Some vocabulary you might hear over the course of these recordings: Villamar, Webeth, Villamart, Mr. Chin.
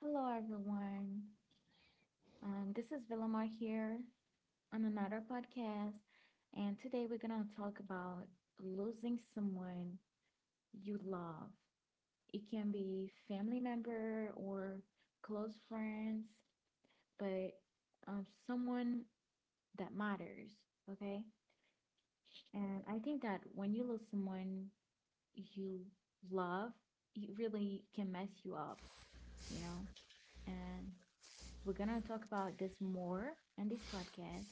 Hello, everyone. This is Villamar here on another podcast, and today we're gonna talk about losing someone you love. It can be family member or close friends, but someone that matters. Okay, and I think that when you lose someone you love, it really can mess you up, you know, and we're gonna talk about this more in this podcast.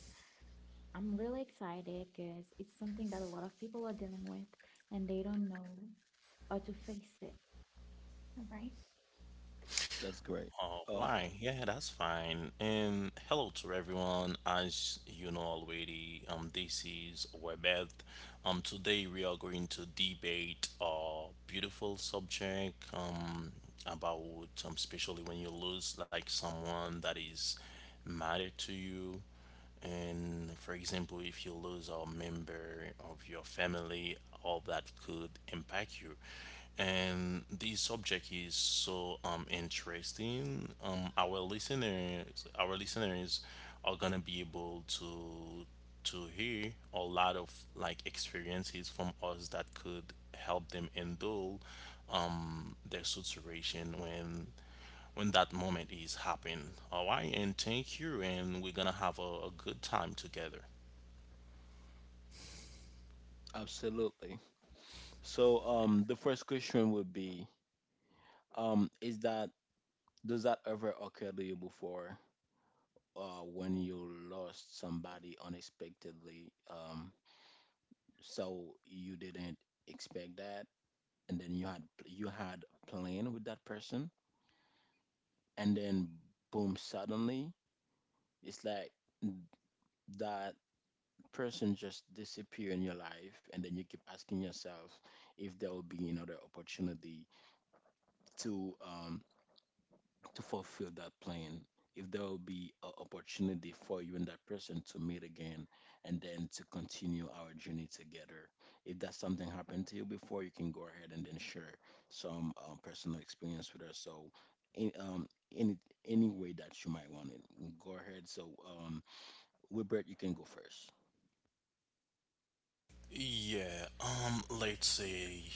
I'm really excited because it's something that a lot of people are dealing with and they don't know how to face it. All right. Oh, why? Yeah, that's fine. And hello to everyone. As you know already, this is Webeth. Today we are going to debate a beautiful subject. About Especially when you lose like someone that is matter to you. And for example, if you lose a member of your family, all that could impact you. And this subject is so interesting. Our listeners are gonna be able to hear a lot of like experiences from us that could help them endure their situation when that moment is happening. All right, and thank you, and we're gonna have a good time together. Yeah, let's say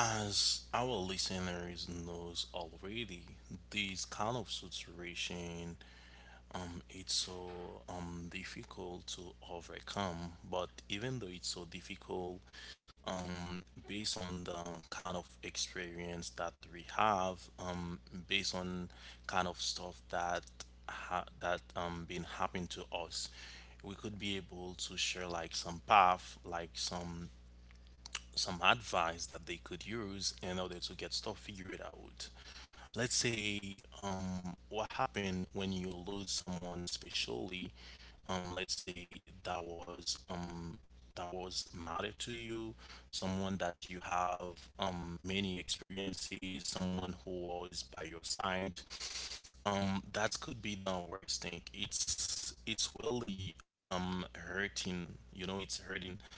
as our listeners knows already, this kind of situation it's so difficult to overcome. But even though it's so difficult, um based on the kind of experience that we have, based on kind of stuff that been happening to us, we could be able to share like some path, like some advice that they could use in order to get stuff figured out. Let's say what happened when you lose someone specially. Let's say that was matter to you, someone that you have many experiences, someone who was by your side, that could be the worst thing, it's really hurting, you know, it's hurting.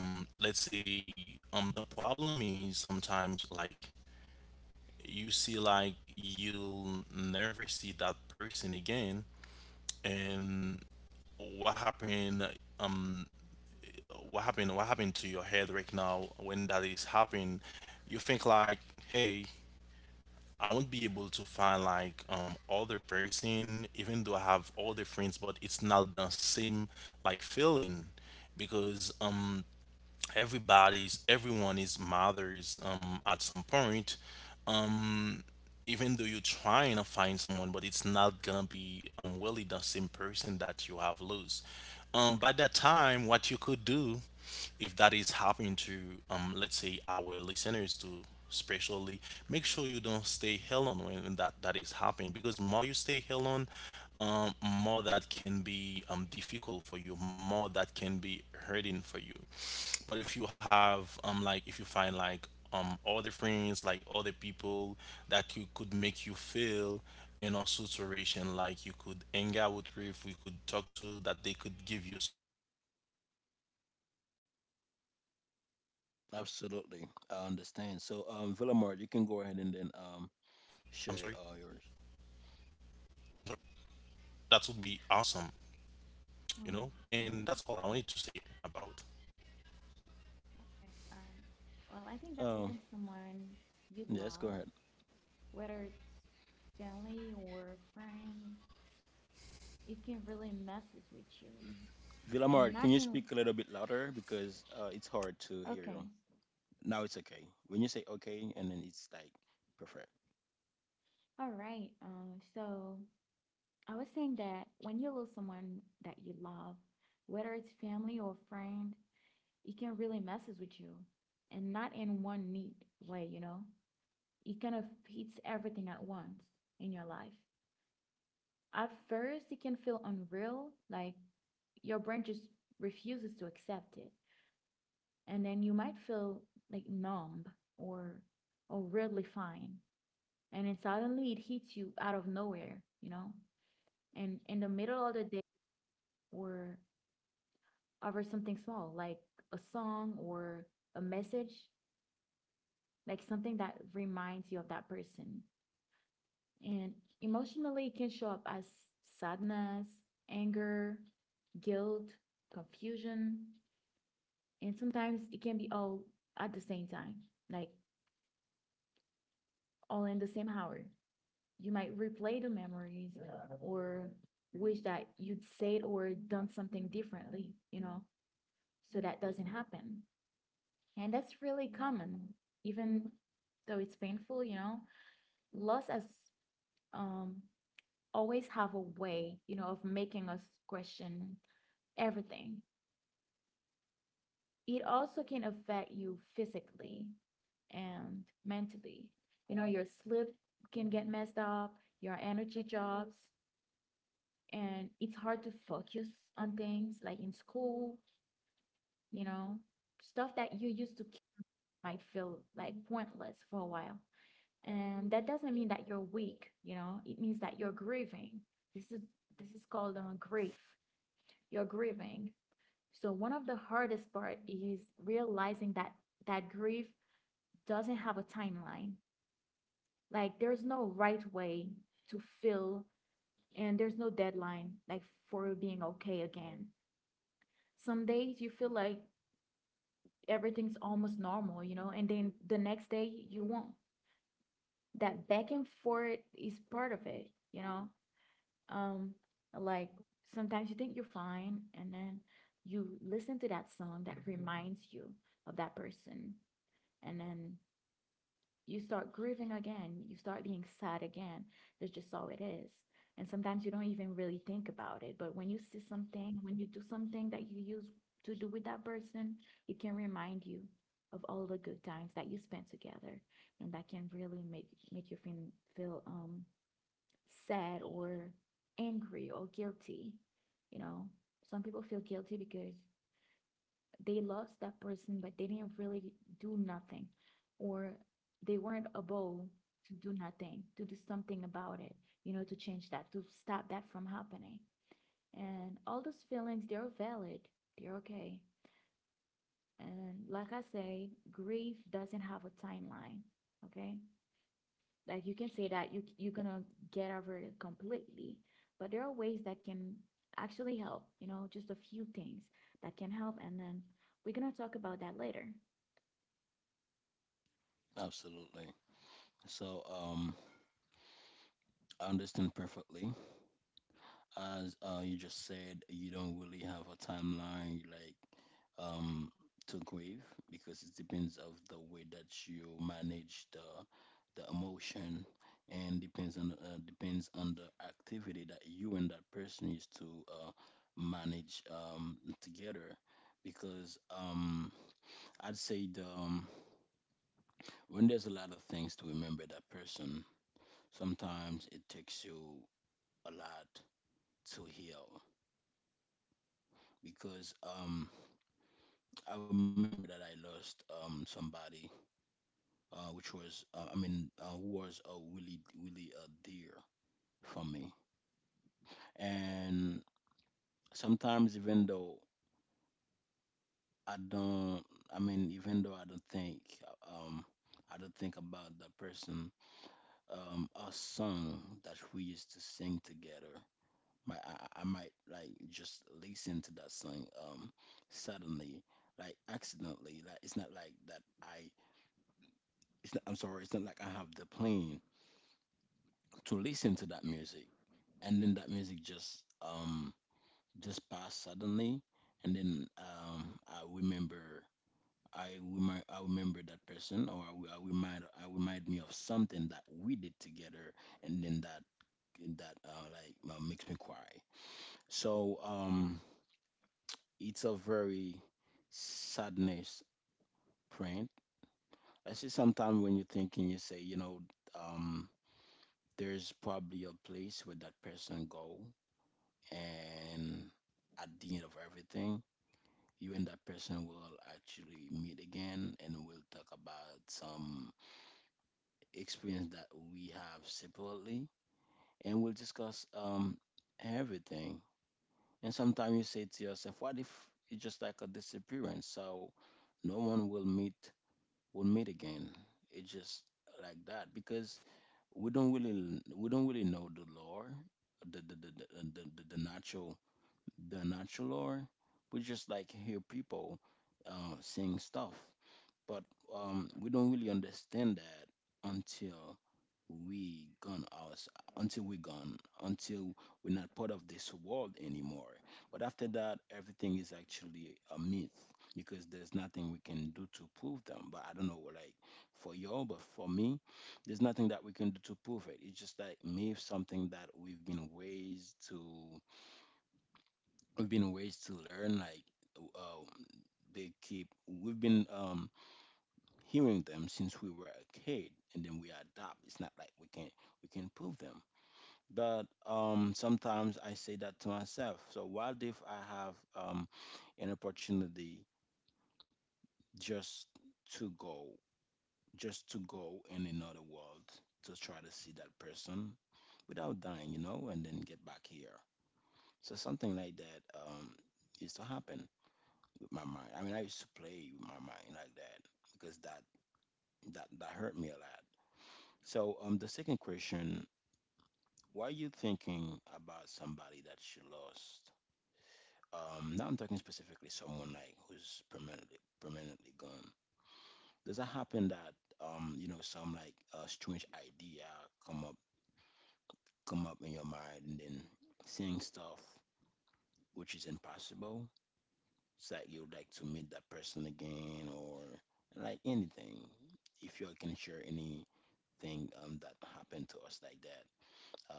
Let's say the problem is sometimes like you see, like you'll never see that person again. And what happened what happened to your head right now when that is happening? You think like, hey, I won't be able to find like other person. Even though I have other friends, but it's not the same like feeling, because everybody's everyone is mothers at some point. Even though you're trying to find someone, but it's not gonna be really the same person that you have lose. By that time, what you could do, if that is happening to let's say our listeners too, especially, make sure you don't stay hell on when that is happening, because more you stay hell on, more that can be difficult for you, more that can be hurting for you. But if you have like if you find like other friends, like other people that you could make you feel in a situation, like you could hang out with, if we could talk to, that they could give you so many advice to overcome that situation, that would be um that would be I'm sorry, that would be awesome, you Well, know. yeah. And that's all I wanted to say about. Okay. Well, I think that losing someone you love, whether it's family or friends, it can really messes with you. And not in, okay. All right. So I was saying that when you lose someone that you love, whether it's family or friend, it can really messes with you and not in one neat way, you know? It kind of hits everything at once in your life. At first, it can feel unreal, like your brain just refuses to accept it. And then you might feel like numb or or really fine. And then suddenly it hits you out of nowhere, you know? And in the middle of the day or over something small, like a song or a message, like something that reminds you of that person. And emotionally, it can show up as sadness, anger, guilt, confusion, and sometimes it can be all at the same time, like all in the same hour. You might replay the memories or wish that you'd said or done something differently, you know, so that doesn't happen. And that's really common, even though it's painful, you know. Loss has um, always have a way, you know, of making us question everything. It also can affect you physically and mentally. You know, your sleep can get messed up, your energy drops, and it's hard to focus on things like in school, you know, stuff that you used to might feel like pointless for a while. And that doesn't mean that you're weak, you know, it means that you're grieving. This is this is called grief. You're grieving. So one of the hardest part is realizing that that grief doesn't have a timeline. Like there's no right way to feel, and there's no deadline like for being okay again. Some days you feel like everything's almost normal, you know, and then the next day you won't. That back and forth is part of it, you know. um like sometimes you think you're fine and then you listen to that song that reminds you of that person, and then you start grieving again, you start being sad again. That's just all it is. And sometimes you don't even really think about it, but when you see something, when you do something that you used to do with that person, it can remind you of all the good times that you spent together. And that can really make you feel sad or angry or guilty. You know, some people feel guilty because they lost that person, but they didn't really do nothing, or they weren't able to do nothing, to do something about it, you know, to change that, to stop that from happening. And all those feelings, they're valid, they're okay. And like I say, grief doesn't have a timeline, okay? Like you can say that you're gonna get over it completely, but there are ways that can actually help, you know, just a few things that can help, and then we're gonna talk about that later.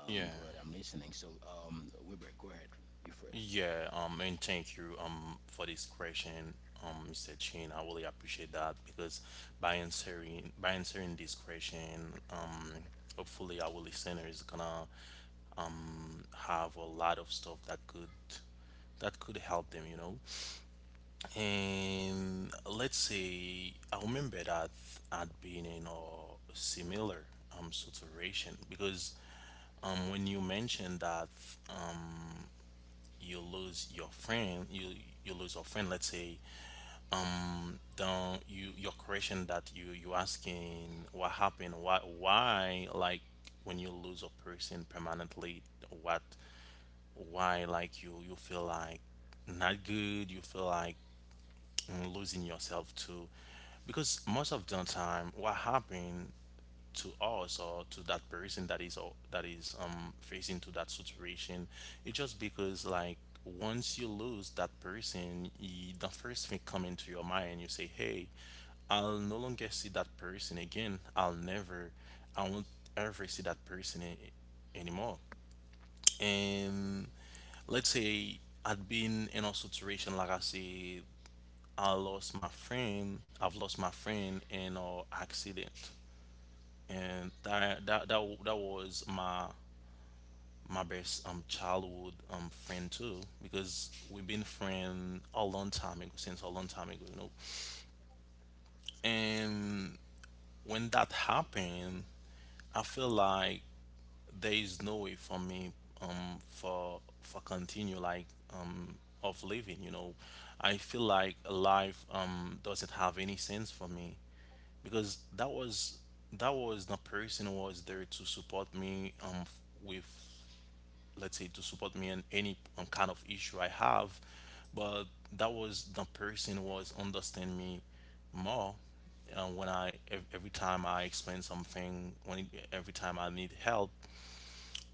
Yeah. Yeah, and thank you for this question, Mr. Chin. I really appreciate that, because by answering this question, hopefully our listener is gonna have a lot of stuff that could help them, you know. And let's say I remember that I had been in a similar situation, because when you mentioned that you lose your friend you you lose your friend, let's say, don't you, your question that you asking, what happened, why, like, when you lose a person permanently, what, why, like, you feel like not good, you feel like, mm, losing yourself too, because most of the time what happened to us, or to that person that is, or that is facing to that situation, it's just because, like, once you lose that person, y, the first thing come into your mind, you say, hey, I'll no longer see that person again, I'll never, I won't ever see that person anymore. And let's say I'd been in a situation, like I say, I've lost my friend in an accident, and that was my my best childhood friend too, because we've been friend a long time ago since a long time ago, you know. And when that happened, I feel like there is no way for me for continue like, um, of living, you know. I feel like life doesn't have any sense for me, because that was the person who was there to support me with, let's say, to support me in any, kind of issue I have. But that was the person was understand me more, when every time I explain something, when it, every time I need help.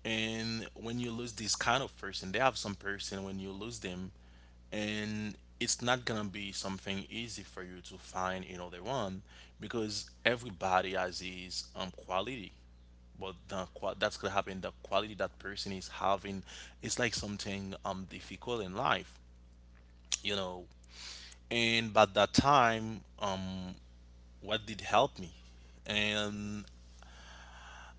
And when you lose this kind of person, they have some person, when you lose them, and it's not gonna be something easy for you to find another one, because everybody has his quality, but the quality that person is having is like something difficult in life, you know. And by that time, um, what did help me, and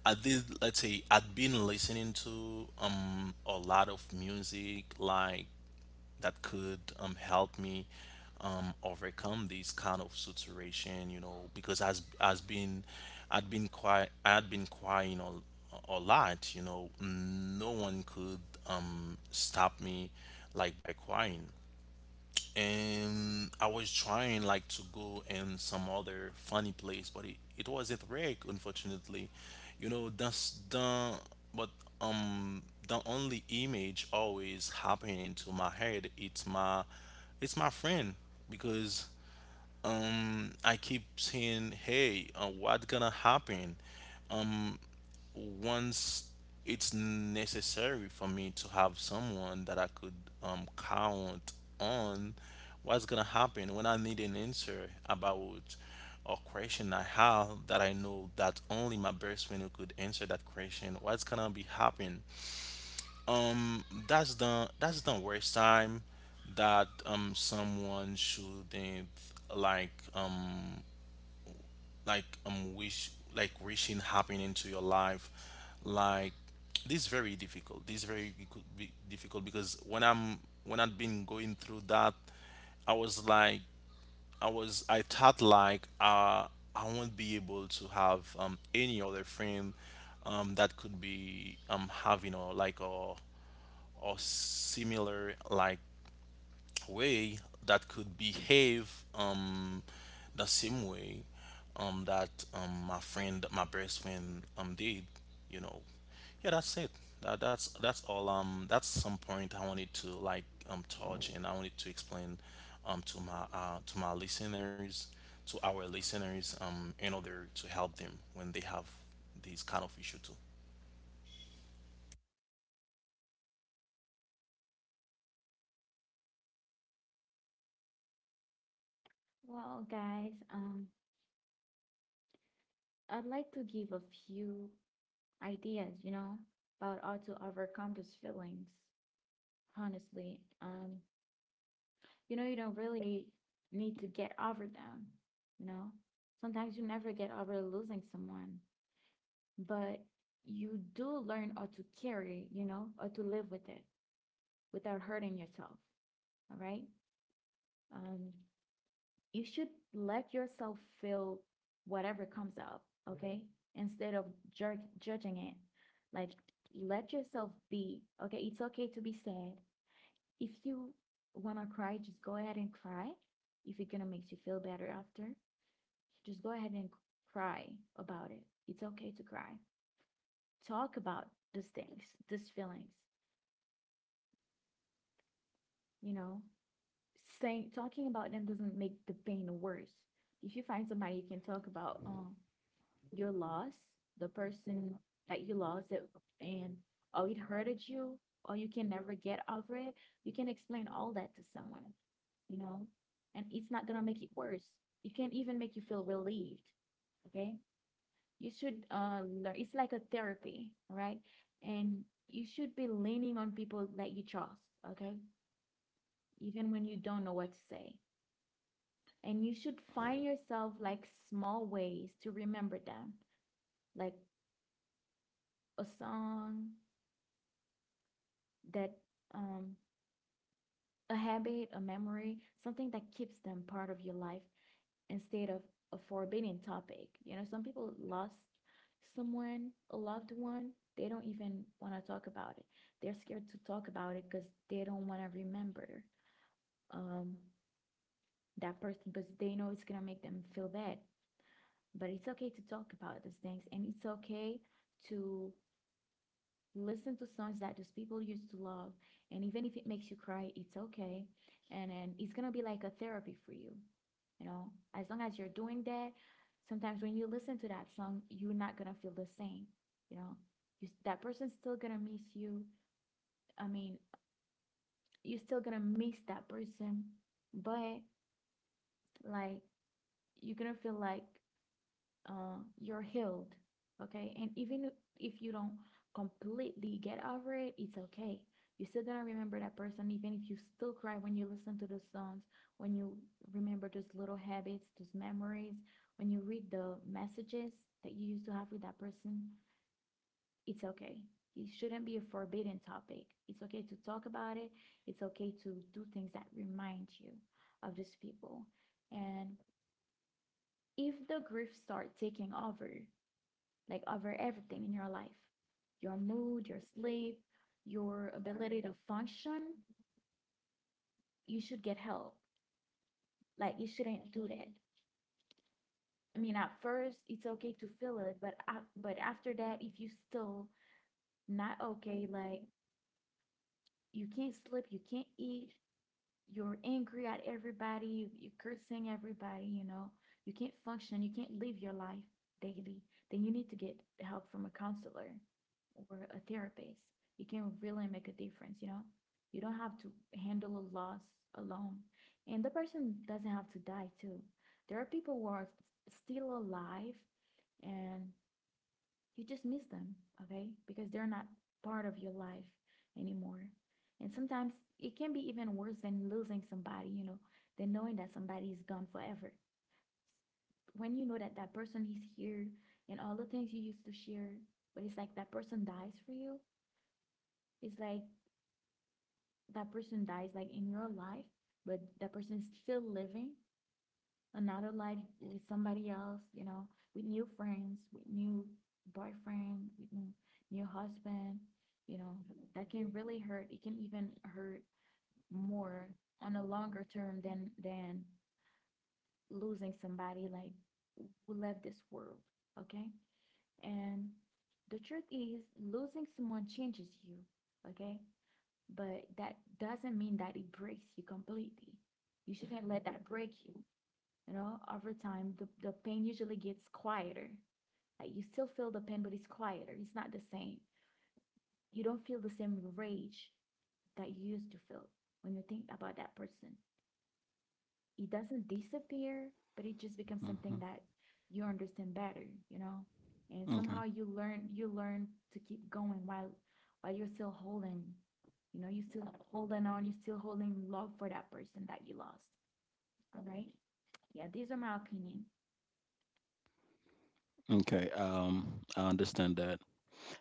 I did, let's say, I'd been listening to a lot of music like that could, help me, overcome this kind of situation, you know, because as been I'd been quite, I had been crying a lot, you know. No one could, stop me like by crying. And I was trying like to go in some other funny place, but it wasn't reg, unfortunately. You know, that's the, but, um, the only image always happening to my head, it's my, it's my friend, because, um, I keep saying, hey, what gonna happen once it's necessary for me to have someone that I could, count on? What's gonna happen when I need an answer about a question I have that I know that only my best friend could answer that question? What's gonna be happen? That's the, that's the worst time that someone shouldn't like um wish, like, wishing happening into your life, like, this is very difficult, this is very difficult, because when I'd been going through that, I was like, I thought like, uh, I won't be able to have any other friend that could be having or like a or similar like way that could behave the same way that my friend, my best friend, did, you know. Yeah, that's it. That's all, um, that's some point I wanted to like, um, touch, and I wanted to explain to my listeners, to our listeners, um, in order to help them when they have these kind of issue too. Well guys, I'd like to give a few ideas, you know, about how to overcome those feelings. Honestly, you know, you don't really need to get over them, you know. Sometimes you never get over losing someone, but you do learn how to carry, you know, how to live with it without hurting yourself. All right. Um, you should let yourself feel whatever comes up. Okay. Mm-hmm. Instead of jerk judging it, like let yourself be. Okay. It's okay to be sad. If you want to cry, just go ahead and cry. If it gonna makes you feel better after, just go ahead and cry about it. It's okay to cry. Talk about these things, these feelings, you know, saying talking about them doesn't make the pain worse. If you find somebody you can talk about your loss, the person that you lost it, and oh it hurted you, or you can never get over it, you can explain all that to someone, you know, and it's not gonna make it worse. It can even make you feel relieved. Okay. You should learn it's like a therapy, right? And you should be leaning on people that you trust, okay? Even when you don't know what to say. And you should find yourself like small ways to remember them, like a song that um a habit, a memory, something that keeps them part of your life instead of a forbidden topic. You know, some people lost someone, a loved one, they don't even want to talk about it. They're scared to talk about it because they don't want to remember um that person because they know it's gonna make them feel bad. But it's okay to talk about these things and it's okay to listen to songs that those people used to love. And even if it makes you cry, it's okay. And then it's gonna be like a therapy for you. You know, as long as you're doing that, sometimes when you listen to that song, you're not gonna feel the same. You know, that person's still gonna miss you. I mean, you're still gonna miss that person, but like you're gonna feel like you're healed. Okay. And even if you don't completely get over it, it's okay. You're still gonna remember that person, even if you still cry when you listen to those songs, when you remember those little habits, those memories, when you read the messages that you used to have with that person, it's okay. It shouldn't be a forbidden topic. It's okay to talk about it. It's okay to do things that remind you of these people. And if the grief start taking over, like over everything in your life, your mood, your sleep, your ability to function. You should get help. Like, you shouldn't do that. I mean, at first, it's okay to feel it, but, but after that, if you still not okay, like, you can't sleep, you can't eat, you're angry at everybody, you're cursing everybody, you know, you can't function, you can't live your life daily, then you need to get help from a counselor or a therapist. You can really make a difference, you know. You don't have to handle a loss alone. And the person doesn't have to die too. There are people who are still alive and you just miss them, okay? Because they're not part of your life anymore. And sometimes it can be even worse than losing somebody, you know, than knowing that somebody is gone forever. When you know that that person is here and all the things you used to share, but it's like that person dies for you, it's like that person dies like in your life, but that person is still living another life with somebody else, you know, with new friends, with new boyfriend, with new, new husband, you know, that can really hurt. It can even hurt more on a longer term than losing somebody like who left this world. Okay. And the truth is losing someone changes you, okay? But that doesn't mean that it breaks you completely. You shouldn't let that break you, you know, over time the pain usually gets quieter. Like you still feel the pain, but it's quieter, it's not the same. You don't feel the same rage that you used to feel when you think about that person. It doesn't disappear, but it just becomes Mhm. something that you understand better, you know. And Okay. somehow you learn to keep going while you're still holding, you know, you're still holding on, you're still holding love for that person that you lost. All right. Yeah, these are my opinion. Okay. I understand that.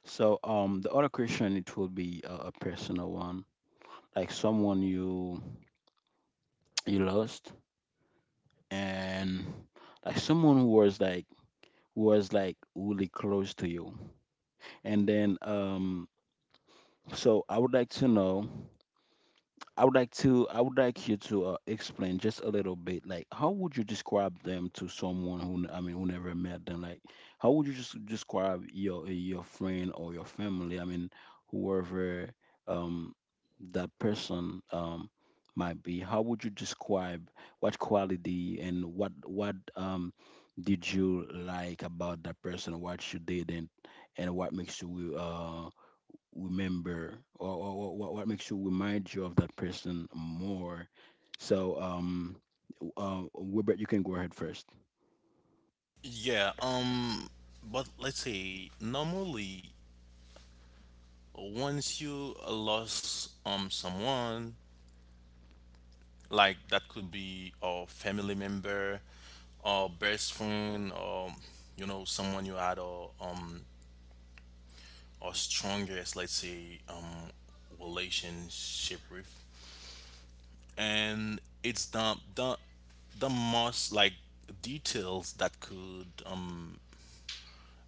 So the other question it will be a personal one, like someone you lost, and like someone who was like really close to you, and then so I would like to know. I would like you to explain just a little bit like how would you describe them to someone I mean who never met them, like how would you just describe your friend or your family, I mean whoever, um that person might be. How would you describe what quality and what did you like about that person, what you didn't, and what makes you remember, or what makes you remind you of that person more. So, Wilbert, you can go ahead first. Yeah, um, but let's say normally, once you, lost someone like that could be a family member or best friend, or, you know, someone you had a, um, a strongest, let's say, um, relationship with. And it's the most like details that could, um,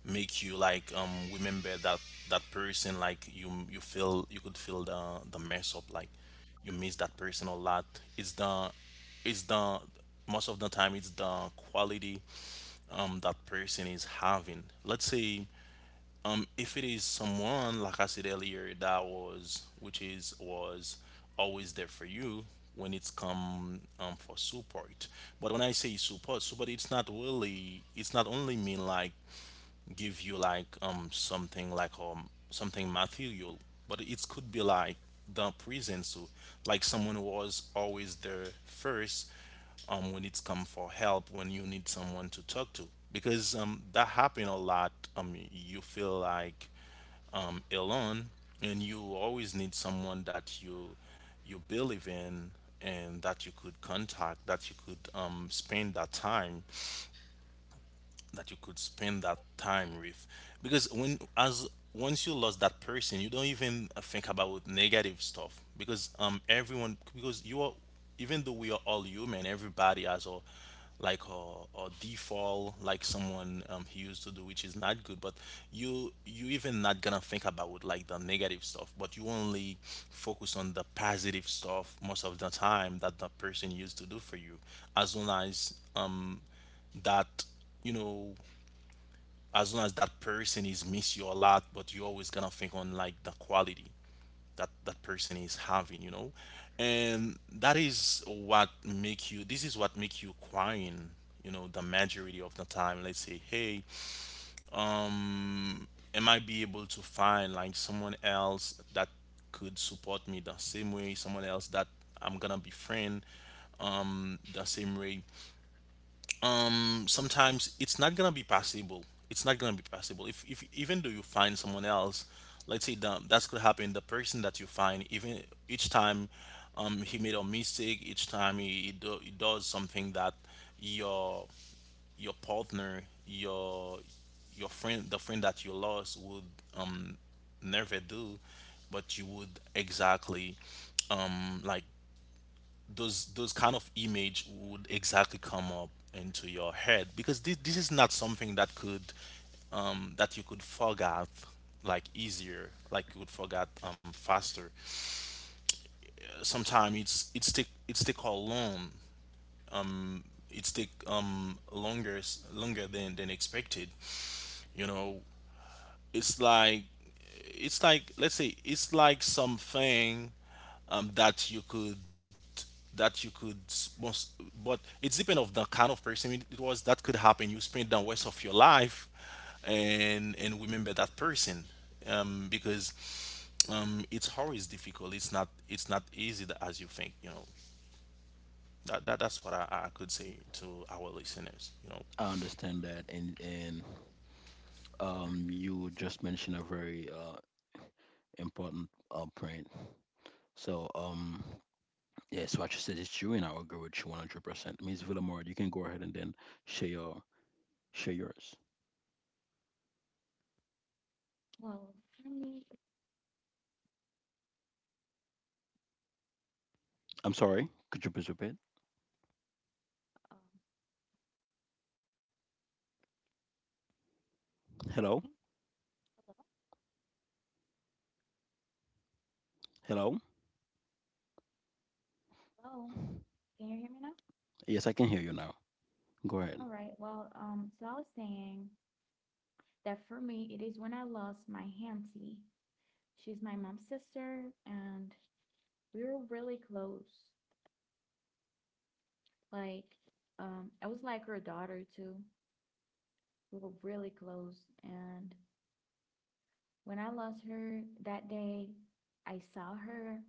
make you like, um, remember that person, like you feel you could feel the mess up, like you miss that person a lot. It's the it's the most of the time it's the quality that person is having. Let's say, um, if it is someone like I said earlier that was, which is, was always there for you when it's come, for support. But when I say support, it's not really, it's not only mean like give you like, um, something like, um, something material, but it could be like the presence to, like, someone who was always there first, um, when it's come for help, when you need someone to talk to, because, um, that happen a lot, um, you feel like, um, alone, and you always need someone that you believe in, and that you could contact, that you could, um, spend that time that you could spend that time with, because when, as once you lost that person, you don't even think about negative stuff, because everyone because you are, even though we are all human, everybody has a like a default, like someone, um, he used to do, which is not good, but you even not gonna think about like the negative stuff, but you only focus on the positive stuff most of the time that the person used to do for you. As long as, um, that, you know, as long as that person is miss you a lot, but you're always gonna think on like the quality that that person is having, you know. And that is what make you, this is what make you crying, you know, the majority of the time. Let's say, hey, am I be able to find like someone else that could support me the same way, someone else that I'm gonna befriend the same way, sometimes it's not gonna be possible. It's not gonna be possible. If even though you find someone else, let's say that that's gonna happen. The person that you find, even each time, he made a mistake. Each time he does something that your partner, your friend, the friend that you lost would never do, but you would exactly, um, like those kind of image would exactly come up into your head because this is not something that could that you could forget like easier, like you would forget faster. Sometimes it's take how long. It's take longer, longer than expected, you know. It's like, it's like, let's say it's like something that you could, that you could most, but it's depend of the kind of person it it was. That could happen, you spend the rest of your life and remember that person, because it's always difficult. It's not, it's not easy as you think, you know. That that's what I could say to our listeners, you know. I understand that, and you just mentioned a very important point. So, yes, what you said is true, and I agree with you 100%. Ms. Villamor, you can go ahead and then share your share yours. Well, for me, I'm sorry, could you please repeat? um, Hello, hello, hello. hello. Can you hear me now? Yes, I can hear you now. Go All ahead. right. Well, so I was saying that for me, it is when I lost my auntie. She's my mom's sister, and we were really close. Like, I was like her daughter too. We were really close, and when I lost her that day, I saw her.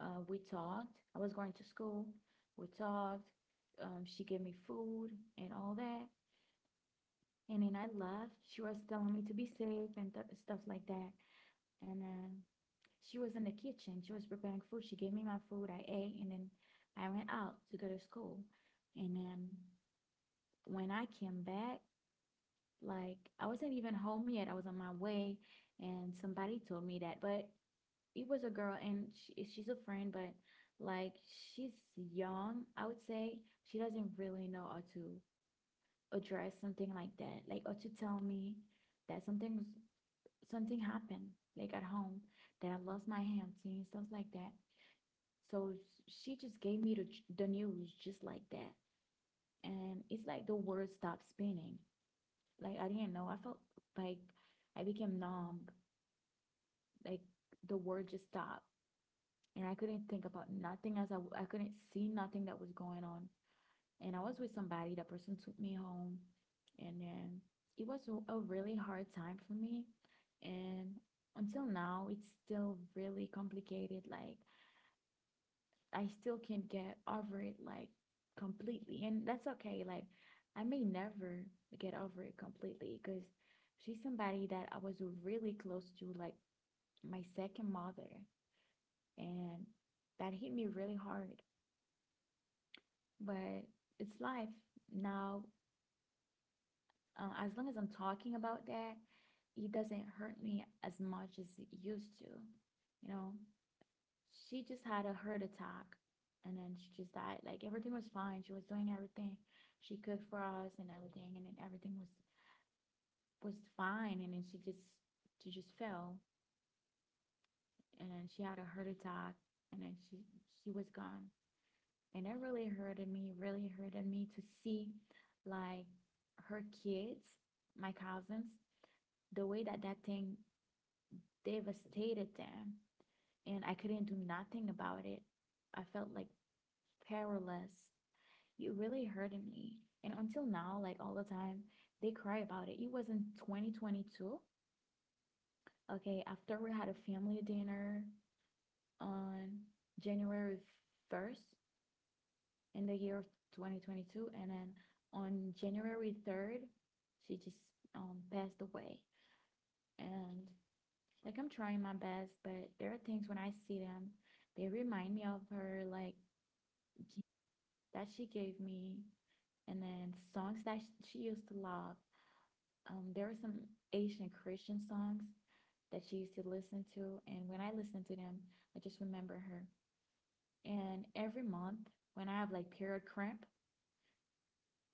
We talked. I was going to school. We talked. She gave me food and all that. And then I left. She was telling me to be safe and stuff like that. And she was in the kitchen. She was preparing food. She gave me my food. I ate, and then I went out to go to school. And then when I came back, like I wasn't even home yet. I was on my way, and somebody told me that. But it was a girl, and she's a friend, but like she's young. I would say she doesn't really know how to address something like that, like or to tell me that something happened like at home that I lost my auntie and stuff like that. So she just gave me the news just like that. And it's like the world stopped spinning. Like I didn't know. I felt like I became numb. Like the world just stopped. And I couldn't think about nothing as I couldn't see nothing that was going on. And I was with somebody. That person took me home, and then it was a really hard time for me. And until now, it's still really complicated. Like, I still can't get over it, like, completely. And that's okay. Like, I may never get over it completely because she's somebody that I was really close to, like, my second mother. And that hit me really hard. But it's life. Now as long as I'm talking about that, it doesn't hurt me as much as it used to. You know, she just had a heart attack and then she just died. Like everything was fine. She was doing everything. She cooked for us and everything and then everything was fine and then she just fell and then she had a heart attack and then she was gone. And it really hurted me to see like her kids, my cousins, the way that that thing devastated them and I couldn't do nothing about it. I felt like powerless. It really hurted me. And until now, like all the time, they cry about it. It was in 2022. Okay, after we had a family dinner on January 1st in the year of 2022, and then on January 3rd, she just passed away. And like I'm trying my best, but there are things when I see them, they remind me of her, like gifts that she gave me, and then songs that she used to love. There were some Asian Christian songs that she used to listen to, and when I listen to them, I just remember her. And every month, when I have like period cramp,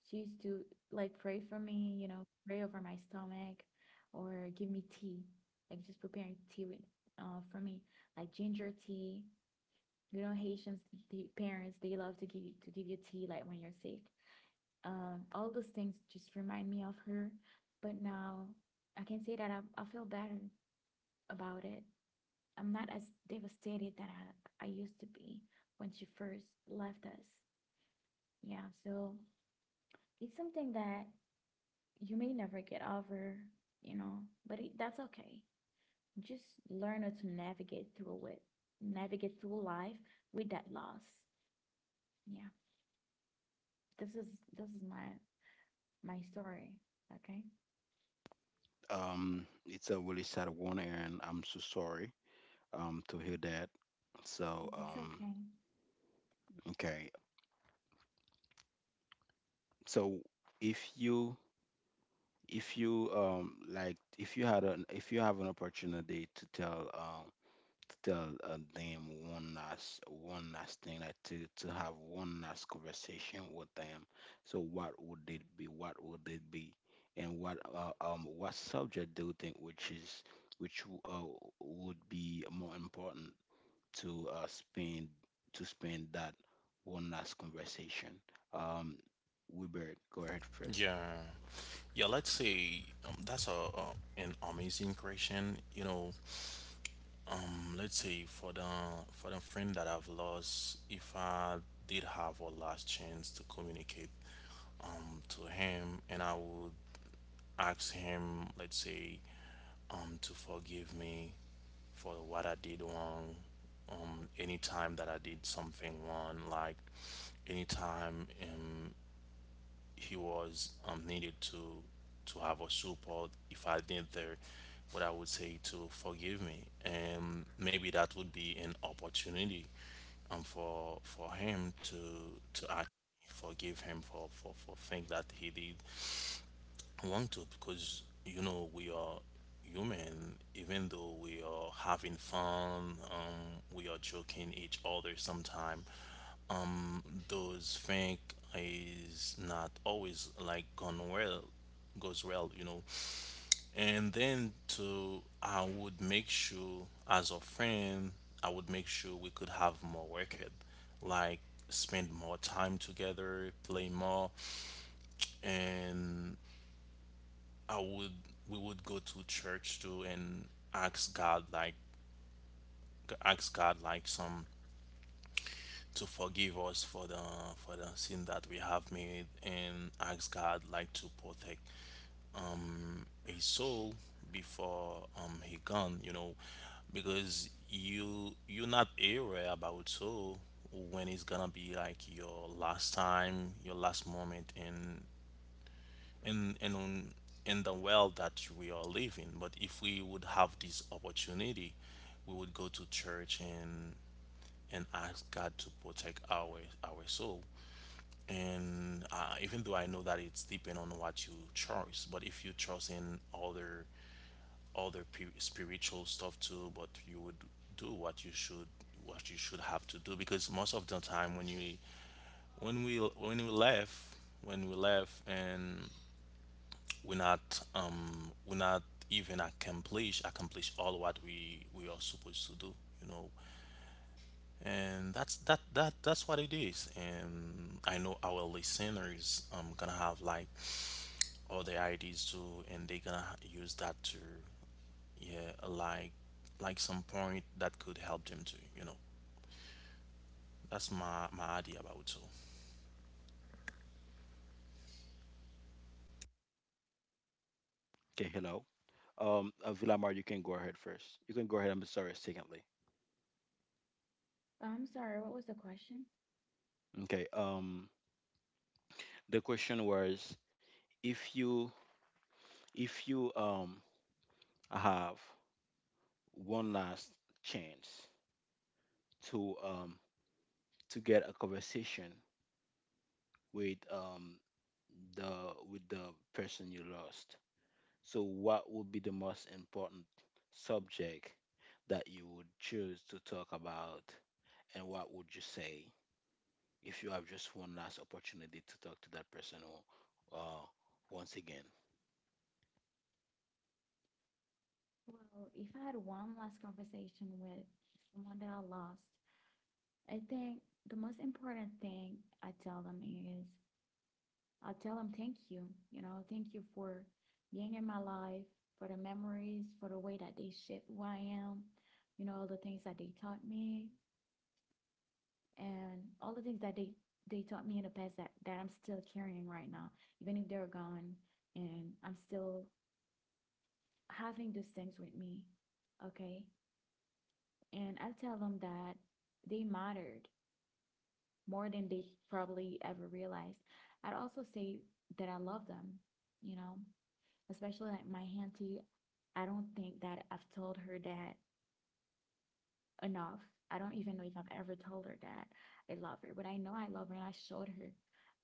she used to like pray for me, you know, pray over my stomach, or give me tea, like just preparing tea with, for me, like ginger tea. You know, Haitians, the parents, they love to give you tea like when you're sick. All those things just remind me of her. But now I can say that I feel better about it. I'm not as devastated that I used to be when she first left us. Yeah, so it's something that you may never get over, you know, but that's okay. Just learn how to navigate through it, navigate through life with that loss. Yeah, this is this is my story. Okay. It's a really sad one, and I'm so sorry to hear that. So It's um, okay. okay. So if you if you like if you had an if you have an opportunity to tell them one last thing, like to have one last conversation with them, so what would it be? What would it be? And what subject do you think which is which would be more important? To spend to spend that one last conversation. Um, Wilbert, go ahead first. Yeah. Yeah, let's say that's a an amazing question. You know, let's say for the, for the friend that I've lost, if I did have a last chance to communicate to him, and I would ask him, let's say, to forgive me for what I did wrong. Anytime that I did something wrong, like anytime he was needed to have a support if I did there, what I would say to forgive me, and maybe that would be an opportunity for him to actually forgive him for for things that he did want to, because you know we are human, even though we are having fun, we are joking each other sometime. Those things is not always like gone well, goes well, you know. And then to, I would make sure as a friend, I would make sure we could have more worked, like spend more time together, play more. And I would, we would go to church too, and ask God like, ask God like some to forgive us for the, for the sin that we have made, and ask God like to protect a soul before he gone, you know. Because you you're not aware about soul when it's gonna be like your last time, your last moment in in in on- in the world that we are living. But if we would have this opportunity, we would go to church and ask God to protect our soul. And even though I know that it's depend on what you trust, but if you trust in other spiritual stuff too, but you would do what you should, what you should have to do, because most of the time when you, when we left, when we left and we not, even accomplish, accomplish all what we are supposed to do, you know. And that's that that that's what it is. And I know our listeners gonna have like other ideas too, and they gonna use that to, yeah, like some point that could help them too, you know. That's my my idea about it too. Okay, hello. Villamar, you can go ahead first. You can go ahead. I'm sorry. Secondly, I'm sorry. What was the question? okay. The question was if you if you um have one last chance to um to get a conversation with the with the person you lost. So, what would be the most important subject that you would choose to talk about, and what would you say if you have just one last opportunity to talk to that person once again? Well, if I had one last conversation with someone that I lost, I think the most important thing I tell them is I tell them thank you. You know, thank you for being in my life, for the memories, for the way that they shaped who I am, you know, all the things that they taught me and all the things that they taught me in the past that I'm still carrying right now, even if they're gone and I'm still having those things with me, okay? And I tell them that they mattered more than they probably ever realized. I'd also say that I love them, you know, especially like my auntie. I don't think that I've told her that enough. I don't even know if I've ever told her that I love her, but I know I love her and I showed her,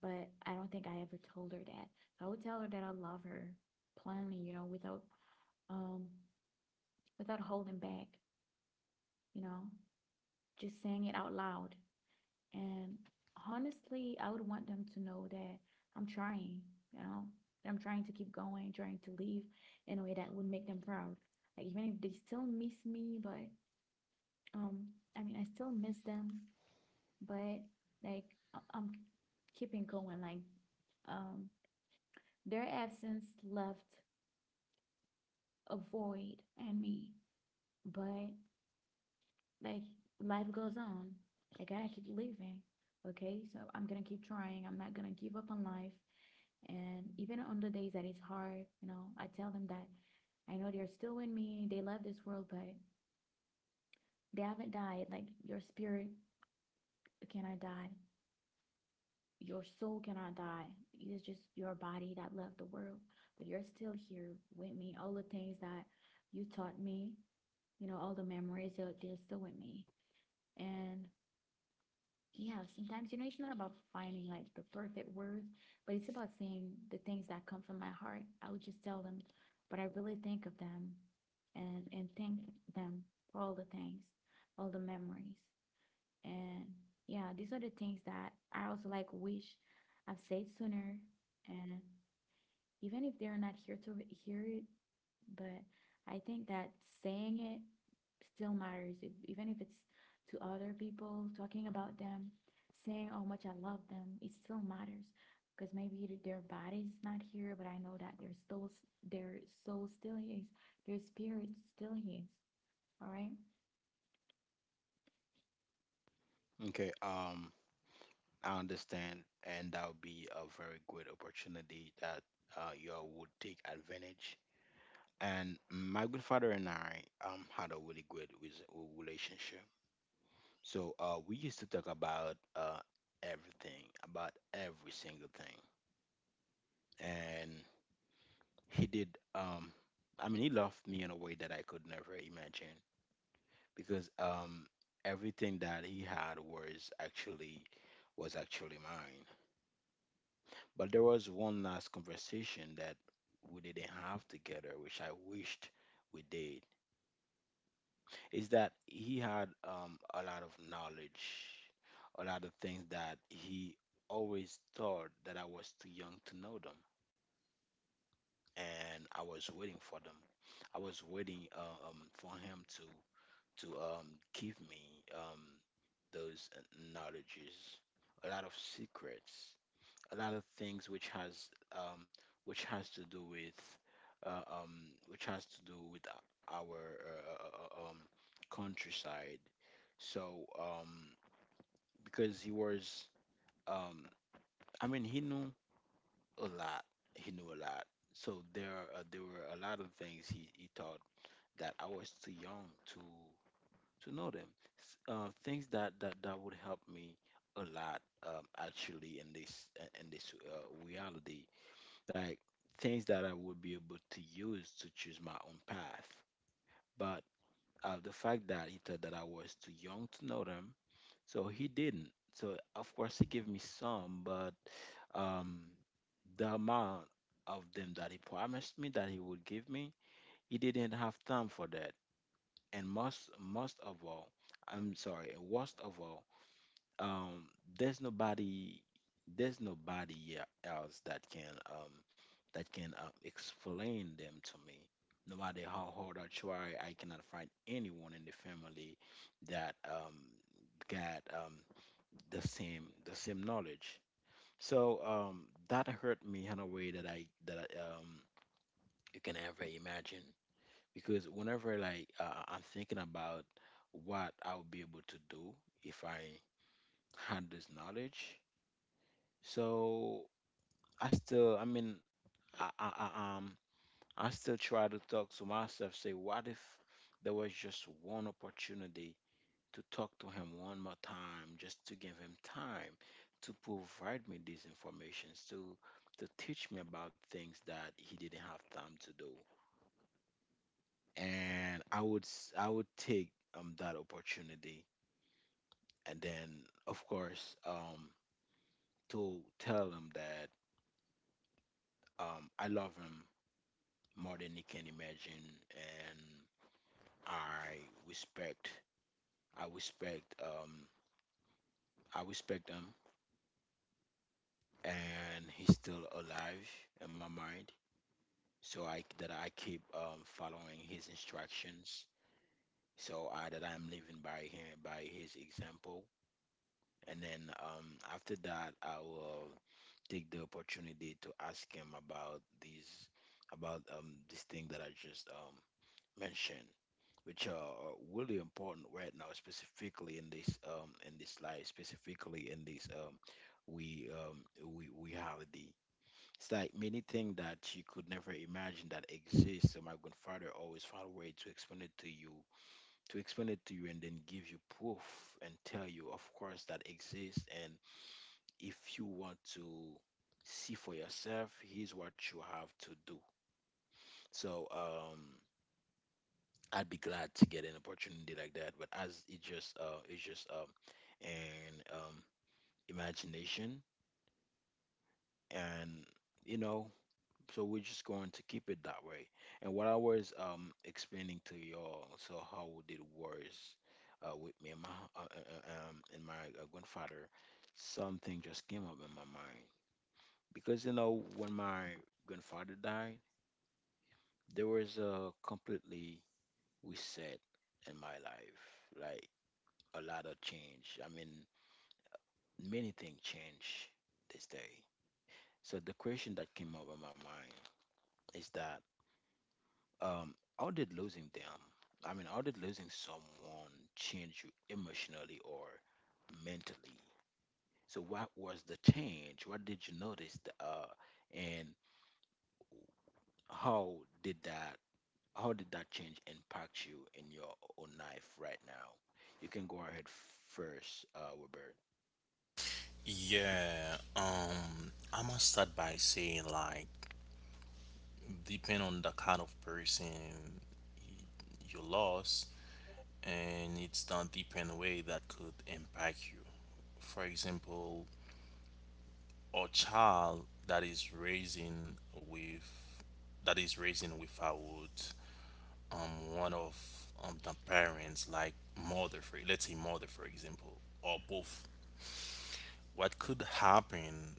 but I don't think I ever told her that. So I would tell her that I love her plainly, you know, without um without holding back, you know, just saying it out loud. And honestly, I would want them to know that I'm trying, you know, I'm trying to keep going, trying to leave in a way that would make them proud. Like even if they still miss me, but um, I mean, I still miss them, but like I'm keeping going. Like um, their absence left a void in me, but like life goes on. Like, I gotta keep living. Okay, so I'm gonna keep trying. I'm not gonna give up on life. And even on the days that it's hard, you know, I tell them that I know they're still with me. They love this world, but they haven't died. Like your spirit cannot die. Your soul cannot die. It is just your body that left the world, but you're still here with me. All the things that you taught me, you know, all the memories, they're still with me. And yeah, sometimes, you know, it's not about finding like the perfect words, but it's about saying the things that come from my heart. I would just tell them what I really think of them and thank them for all the things, all the memories. And yeah, these are the things that I also like wish I've said sooner. And even if they're not here to hear it, but I think that saying it still matters, if, even if it's to other people, talking about them, saying how much I love them, it still matters. Because maybe their body's not here, but I know that their souls, their soul still is, their spirit still is. All right. Okay, I understand, and that would be a very good opportunity that you all would take advantage. And my good father and I had a really good relationship. So we used to talk about everything, about every single thing, and he did. Um, I mean, he loved me in a way that I could never imagine, because everything that he had was actually mine. But there was one last conversation that we didn't have together, which I wished we did. Is that he had a lot of knowledge, a lot of things that he always thought that I was too young to know them, and I was waiting for them. I was waiting for him to give me those knowledges, a lot of secrets, a lot of things um, which has to do with which has to do with our countryside. so, um, because he was, um, I mean, he knew a lot. He knew a lot. So there, are, there were a lot of things he taught that I was too young to know them. Things that would help me a lot, actually, in this reality, like things that I would be able to use to choose my own path. But the fact that he thought that I was too young to know them, so he didn't. So of course he gave me some, but um, the amount of them that he promised me that he would give me, he didn't have time for that. And I'm sorry, worst of all, um, there's nobody, there's nobody else that can explain them to me. No matter how hard I try, I cannot find anyone in the family that got the same knowledge. So that hurt me in a way that I you can ever imagine, because whenever like I'm thinking about what I would be able to do if I had this knowledge, so I still, I mean, I I still try to talk to myself, say what if there was just one opportunity to talk to him one more time, just to give him time to provide me these informations, to teach me about things that he didn't have time to do. And I would take that opportunity, and then of course to tell him that I love him more than he can imagine, and I respect, I respect him, and he's still alive in my mind, so I that I keep following his instructions. So I that I'm living by him, by his example. And then after that, I will take the opportunity to ask him about these, about this thing that I just mentioned, which are really important right now, specifically in this life, specifically in this we um, we holiday. It's like many things that you could never imagine that exist. So my grandfather always found a way to explain it to you, and then give you proof and tell you, of course, that exists. And if you want to see for yourself, here's what you have to do. So I'd be glad to get an opportunity like that. But as it just, it's just an imagination, and you know, so we're just going to keep it that way. And what I was explaining to y'all, so how it was with me and my grandfather, something just came up in my mind, because you know when my grandfather died, there was a completely reset in my life, like a lot of change. I mean, many things change this day. So the question that came up in my mind is that, how did losing them, I mean, how did losing someone change you emotionally or mentally? So, what was the change? What did you notice? And how did that, how did that change impact you in your own life right now? You can go ahead first, Robert. Yeah, I must start by saying like, depend on the kind of person you lost, and it's done different way that could impact you. For example, a child that is raising with, that is raising without one of the parents, like mother, for let's say mother for example, or both. What could happen,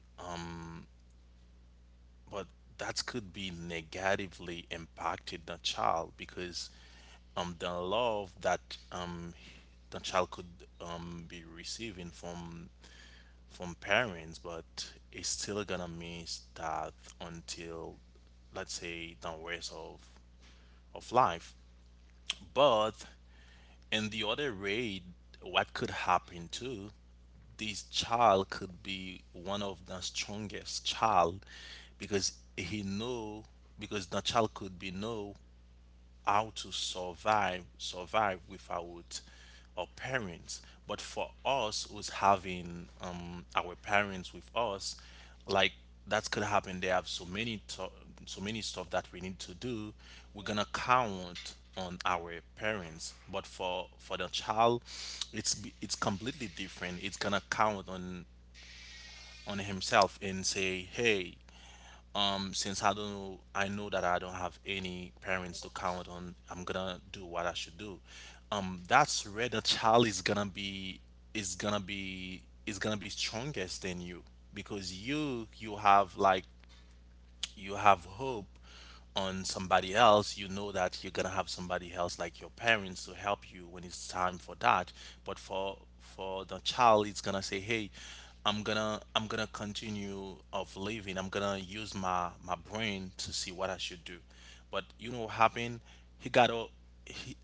but that could be negatively impacted the child, because the love that the child could be receiving from parents, but it's still gonna miss that until, let's say, the rest of life. But in the other way, what could happen too, this child could be one of the strongest child, because he know, because the child could be know how to survive without our parents. But for us who's having our parents with us, like, that could happen, they have so many stuff that we need to do. We're gonna count on our parents, but for the child it's completely different. It's gonna count on himself and say, hey, since I don't know, I know that I don't have any parents to count on, I'm gonna do what I should do. That's where the child is gonna be, is gonna be, is gonna be strongest than you, because you have like, you have hope on somebody else, you know that you're gonna have somebody else like your parents to help you when it's time for that. But for the child, it's gonna say, "Hey, I'm gonna continue of living. I'm gonna use my my brain to see what I should do." But you know what happened? He got a, he.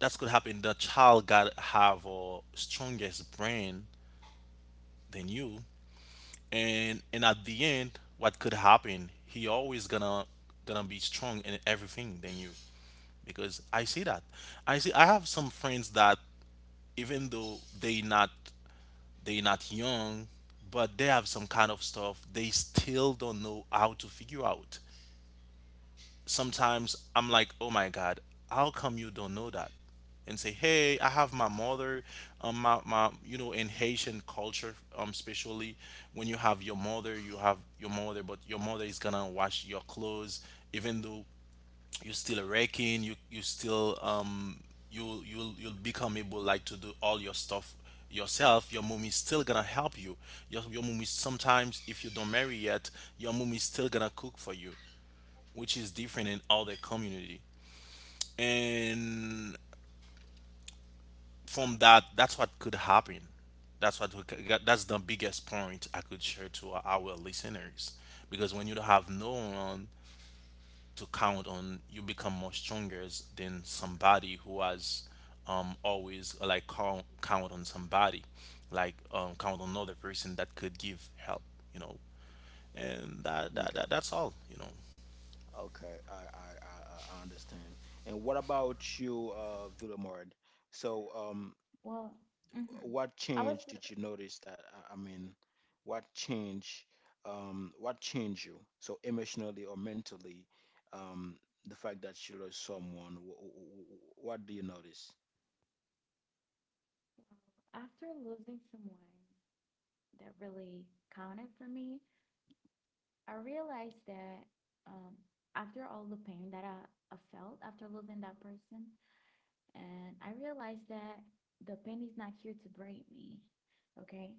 That's what happened. The child got have a strongest brain than you. And at the end, what could happen, he always gonna gonna be strong in everything than you. Because I see that, I see I have some friends that, even though they not, they not young, but they have some kind of stuff they still don't know how to figure out. Sometimes I'm like, oh my God, how come you don't know that? And say, hey, I have my mother, you know, in Haitian culture, especially when you have your mother, you have your mother, but your mother is gonna wash your clothes, even though you're still a wrecking, you still, you'll become able like to do all your stuff yourself, your mom is still gonna help you. Your mom is, sometimes if you don't marry yet, your mom is still gonna cook for you, which is different in other community. And from that, that's what could happen. That's what we, that's the biggest point I could share to our listeners. Because when you don't have no one to count on, you become more stronger than somebody who has always like count on somebody, like count on another person that could give help, you know. And Okay. That's all, you know. Okay. I understand. And what about you, Villamard? So, Well, mhm. what I was change did you notice that I mean, what change, what changed you? So emotionally or mentally, um, the fact that you lost someone, what do you notice? After losing someone that really counted for me, I realized that um, after all the pain that I felt after losing that person, and I realized that the pain is not here to break me, okay?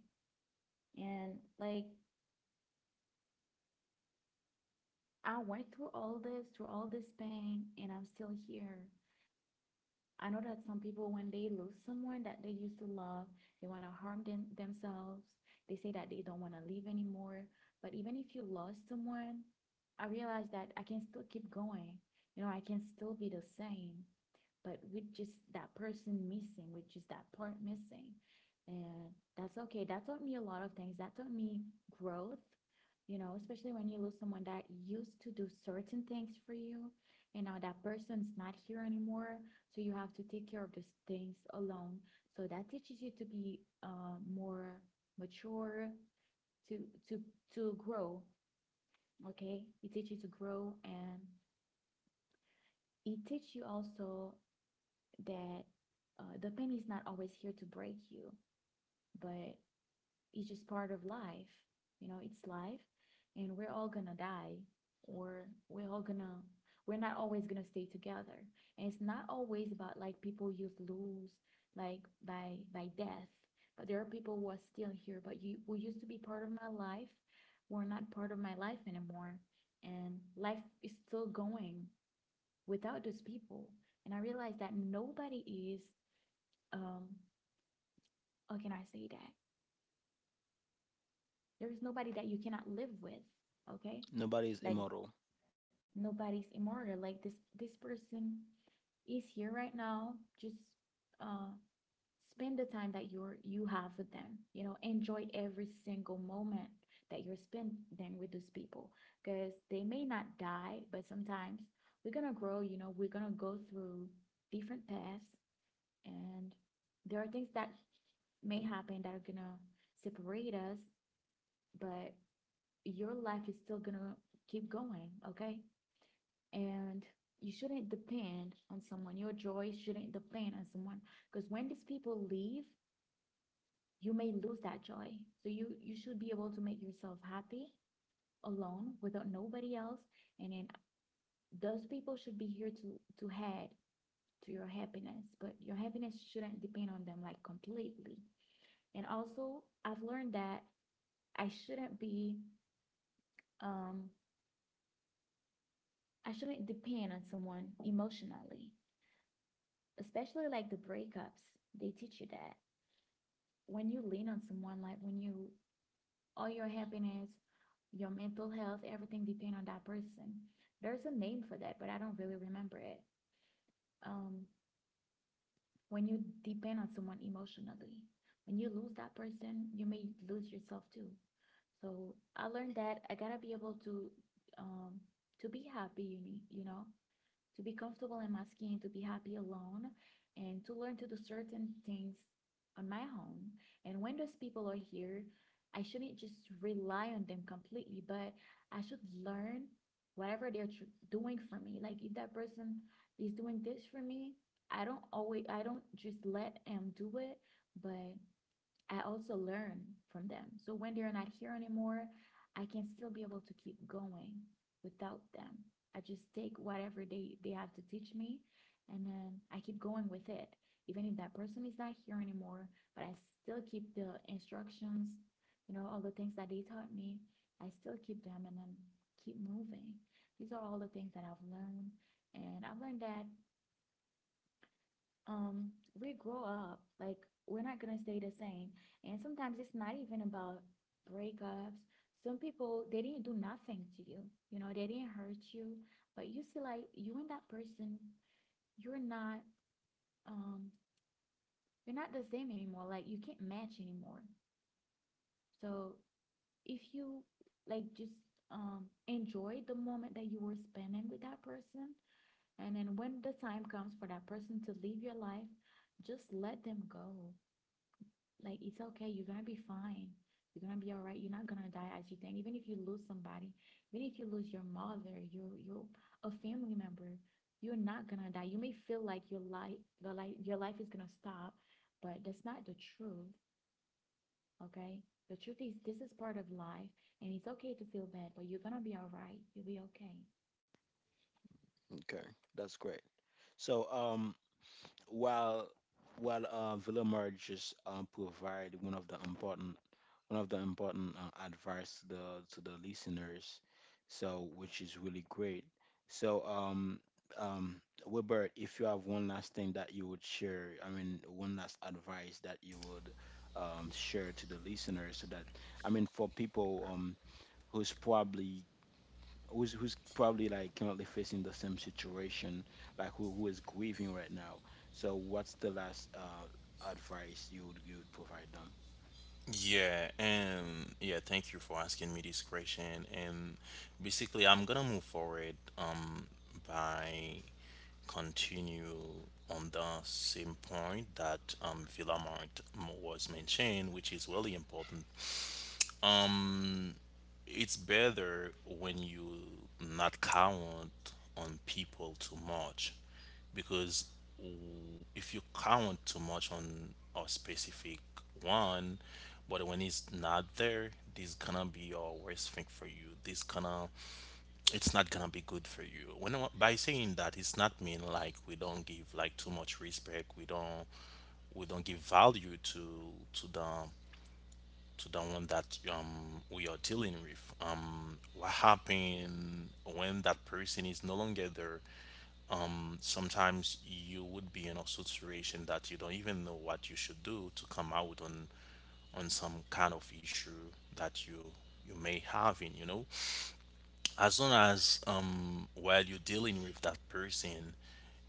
And like I went through all this pain, and I'm still here. I know that some people, when they lose someone that they used to love, they want to harm themselves. They say that they don't want to live anymore. But even if you lost someone, I realize that I can still keep going. You know, I can still be the same but with just that person missing, with just that part missing. And that's okay. That taught me a lot of things. That taught me growth, you know, especially when you lose someone that used to do certain things for you. And now that person's not here anymore. So you have to take care of those things alone. So that teaches you to be more mature, to to to grow. Okay. It teaches you to grow and it teaches you also that the pain is not always here to break you, but it's just part of life. You know, it's life, and we're all gonna die, or we're all gonna, we're not always gonna stay together. And it's not always about like people you lose, like by death, but there are people who are still here, but you who used to be part of my life, were not part of my life anymore, and life is still going without those people. And I realized that nobody is um how can I say that? There is nobody that you cannot live with, okay? Nobody is Like immortal. nobody's immortal. Like this person is here right now. Just uh spend the time that you have with them. You know, enjoy every single moment that you're spending with those people because they may not die, but sometimes we're gonna grow, you know, we're gonna go through different paths and there are things that may happen that are gonna separate us but your life is still gonna keep going, okay? And you shouldn't depend on someone. Your joy shouldn't depend on someone because when these people leave, you may lose that joy. So you should be able to make yourself happy alone without nobody else. And then those people should be here to add to your happiness, but your happiness shouldn't depend on them like completely. And also, I've learned that I shouldn't be um I shouldn't depend on someone emotionally, especially like the breakups. They teach you that. When you lean on someone, like when you, all your happiness, your mental health, everything depend on that person. There's a name for that, but I don't really remember it. Um, when you depend on someone emotionally, when you lose that person, you may lose yourself too. So I learned that I gotta be able um, to be happy. You need, you know, to be comfortable in my skin, to be happy alone, and to learn to do certain things on my own. And when those people are here, I shouldn't just rely on them completely, but I should learn whatever doing for me. Like if that person is doing this for me, I don't just let them do it, but I also learn from them. So when they're not here anymore, I can still be able to keep going without them. I just take whatever they have to teach me and then I keep going with it. Even if that person is not here anymore, but I still keep the instructions, you know, all the things that they taught me, I still keep them and then keep moving. These are all the things that I've learned. And I've learned that um we grow up, like we're not gonna stay the same, and sometimes it's not even about breakups. Some people, they didn't do nothing to you, you know, they didn't hurt you, but you see like you and that person, you're not um you're not the same anymore, like you can't match anymore. So if you like just enjoy the moment that you were spending with that person and then when the time comes for that person to leave your life, just let them go. Like it's okay, you're gonna be fine, you're gonna be all right, you're not gonna die as you think. Even if you lose somebody, even if you lose your mother, your a family member, you're not gonna die. You may feel like your life is gonna stop, but that's not the truth. Okay, the truth is this is part of life, and it's okay to feel bad but you're gonna be all right, you'll be okay. Okay, that's great. So while while Villemar just provide one of the important advice to the listeners, so which is really great. So um Wilbert, if you have one last thing that you would share, I mean one last advice that you would share to the listeners, so that I mean for people who's probably who's who's probably like currently facing the same situation, like who is grieving right now. So what's the last advice you would provide them? Yeah, and yeah, thank you for asking me this question. And basically, I'm gonna move forward by continue on the same point that Villamart was mentioned, which is really important. It's better when you not count on people too much, because if you count too much on a specific one, but when it's not there, this gonna be your worst thing for you. This gonna, it's not gonna be good for you. When I- by saying that, it's not mean like we don't give like too much respect, we don't, we don't give value to the, to the one that we are dealing with. What happens when that person is no longer there? Sometimes you would be in a situation that you don't even know what you should do to come out on some kind of issue that you may have in, you know, as long as while you're dealing with that person,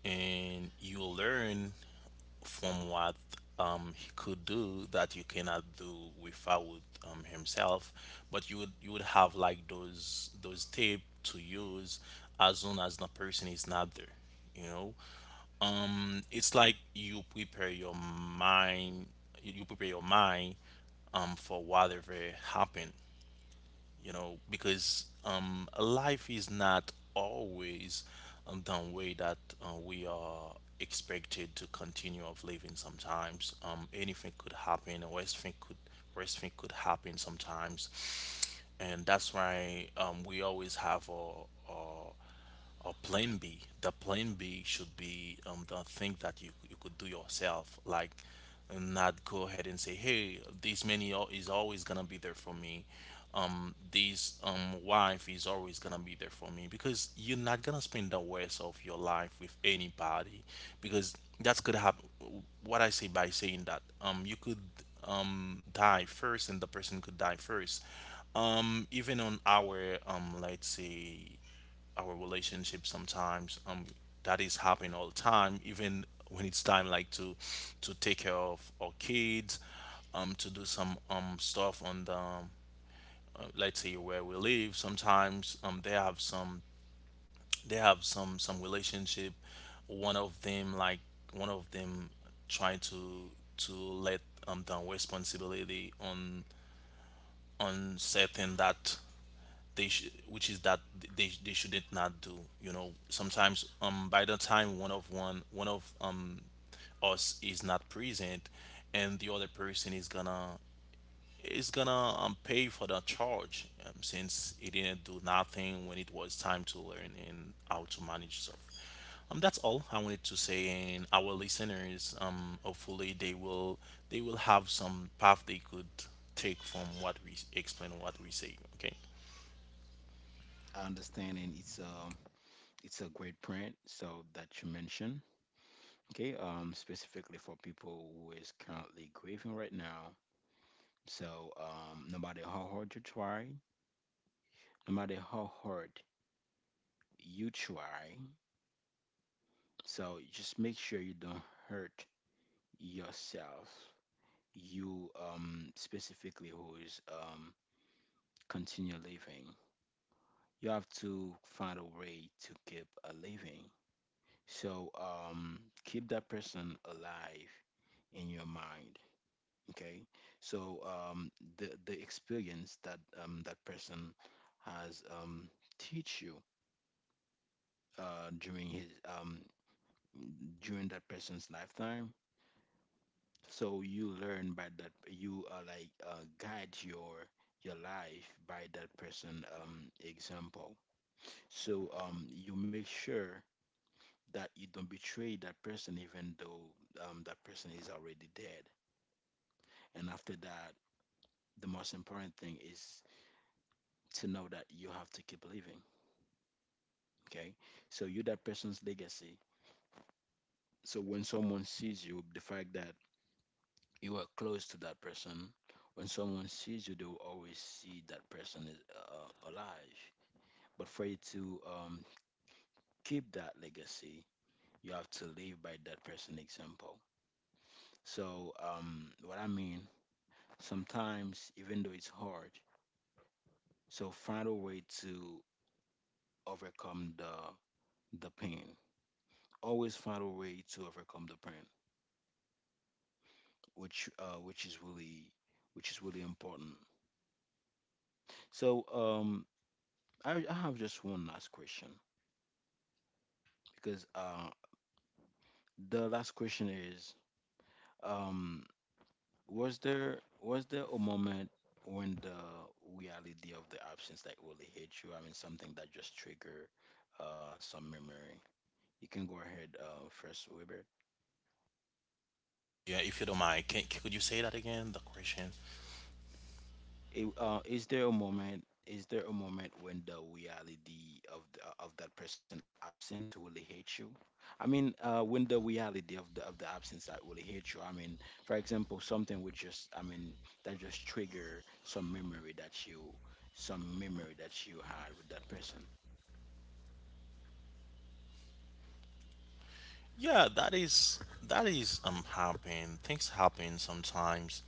and you learn from what he could do that you cannot do without himself. But you would, you would have like those tape to use as long as the person is not there. You know, it's like you prepare your mind. You prepare your mind for whatever happened, you know, because life is not always the way that we are expected to continue of living. Sometimes anything could happen, or worst thing could, worst thing could happen sometimes, and that's why we always have a or plan B. The plan B should be the thing that you could do yourself, like, not go ahead and say, hey, this money is always gonna be there for me. This wife is always gonna be there for me, because you're not gonna spend the rest of your life with anybody, because that's could happen. What I say by saying that you could die first, and the person could die first, even on our let's say our relationship, sometimes that is happening all the time, even when it's time like to take care of our kids, to do some stuff on the let's say where we live. Sometimes they have some, they have some relationship, one of them like, one of them trying to let the responsibility on certain that which is that they shouldn't not do. You know, sometimes by the time one of one of us is not present, and the other person is gonna, is gonna pay for the charge, since he didn't do nothing when it was time to learn and how to manage stuff. That's all I wanted to say, and our listeners, hopefully they will, they will have some path they could take from what we explain, what we say. Okay. I understand, and it's a great print so that you mentioned. Okay, um, specifically for people who is currently grieving right now. So, no matter how hard you try, no matter how hard you try, so just make sure you don't hurt yourself, you specifically who is continue living. You have to find a way to keep a living. So, keep that person alive in your mind. Okay. So, the experience that that person has teach you during his um during that person's lifetime, so you learn by that, you guide your life by that person example. So, you make sure that you don't betray that person, even though that person is already dead. And after that, the most important thing is to know that you have to keep living. Okay. So you that person's legacy, so when someone sees you, the fact that you are close to that person, when someone sees you, they will always see that person is alive. But for you to keep that legacy, you have to live by that person example. What I mean, sometimes even though it's hard, so find a way to overcome the pain. Always find a way to overcome the pain, which is really important. So I have just one last question, because the last question is, um, was there, was there a moment when the reality of the absence like really hit you? I mean, something that just triggered some memory. You can go ahead first, Weber. Yeah, if you don't mind, could you say that again, the question? Is there a moment? Is there a moment when the reality of the, of that person absence really hit you? I mean, when the reality of the absence that really hit you. I mean, for example, something would just, I mean, that just trigger some memory that you, some memory that you had with that person. Yeah, that is, that is happen. Things happen sometimes.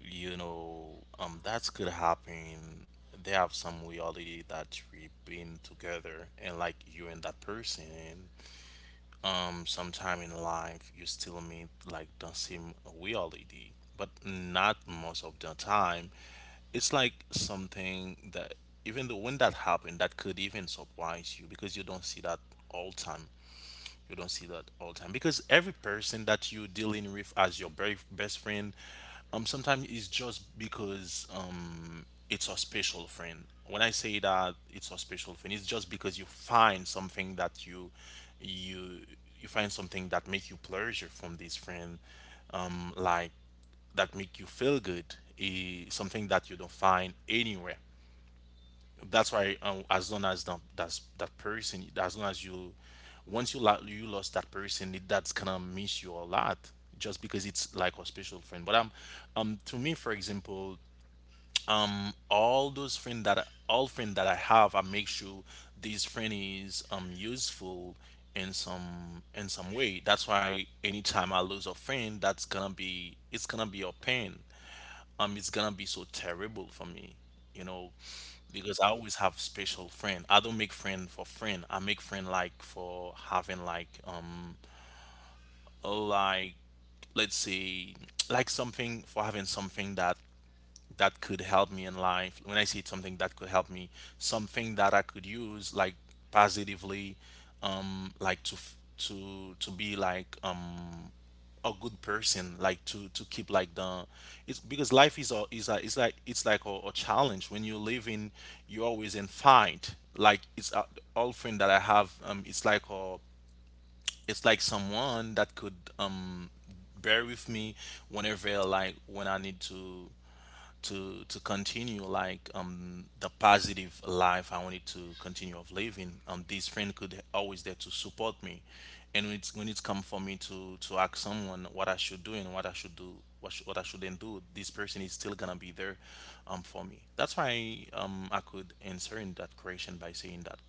You know, that's could happen. They have some reality that we've been together, and like you and that person sometime in life you still meet like the same reality. But not most of the time. It's like something that, even though when that happened, that could even surprise you, because you don't see that all time, you don't see that all the time. Because every person that you're dealing with as your very best friend, sometimes it's just because it's a special friend. When I say that it's a special friend, it's just because you find something that you, you find something that make you pleasure from this friend, like, that make you feel good, eh, something that you don't find anywhere. That's why as long as that person, as long as you, you lost that person it, that's gonna miss you a lot, just because it's like a special friend. But to me for example, all those friends that all friend that I have, I make sure this friend is useful in some, in some way. That's why anytime I lose a friend, that's gonna be, it's gonna be a pain, it's gonna be so terrible for me, you know. Because I always have special friend, I don't make friend for friend, I make friend like for having like like, let's say, like something, for having something that that could help me in life, when I see something that could help me, something that I could use like positively. Like to be like a good person, like to keep like the, it's because life is a it's like, it's like a challenge. When you live in, you're always in fight, like it's a, all friend that I have it's like a, it's like someone that could bear with me whenever, like when I need to continue like the positive life I wanted to continue of living. This friend could always there to support me, and when it's, when it's come for me to ask someone what I should do, and what I should do, what I shouldn't do, this person is still gonna be there, for me. That's why I could answer in that question by saying that.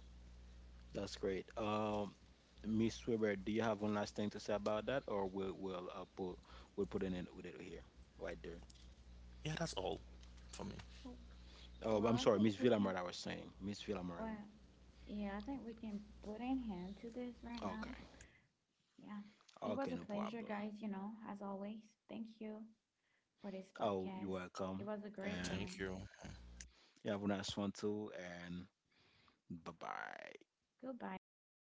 That's great. Miss Weber, do you have one last thing to say about that, or we'll put we'll put an end with it here, right there. Yeah, that's all for me. Oh, Well, I'm I sorry, think Miss we can, Villamar. I was saying, Miss Villamar. well, yeah, I think we can put an end to this right Okay. now. Yeah. It Okay, no was a problem. pleasure, guys, you know, as always. Thank you for this Oh, you're podcast. welcome. It was a great And Thank one. you. you have a nice one too. And bye bye. Goodbye, everyone.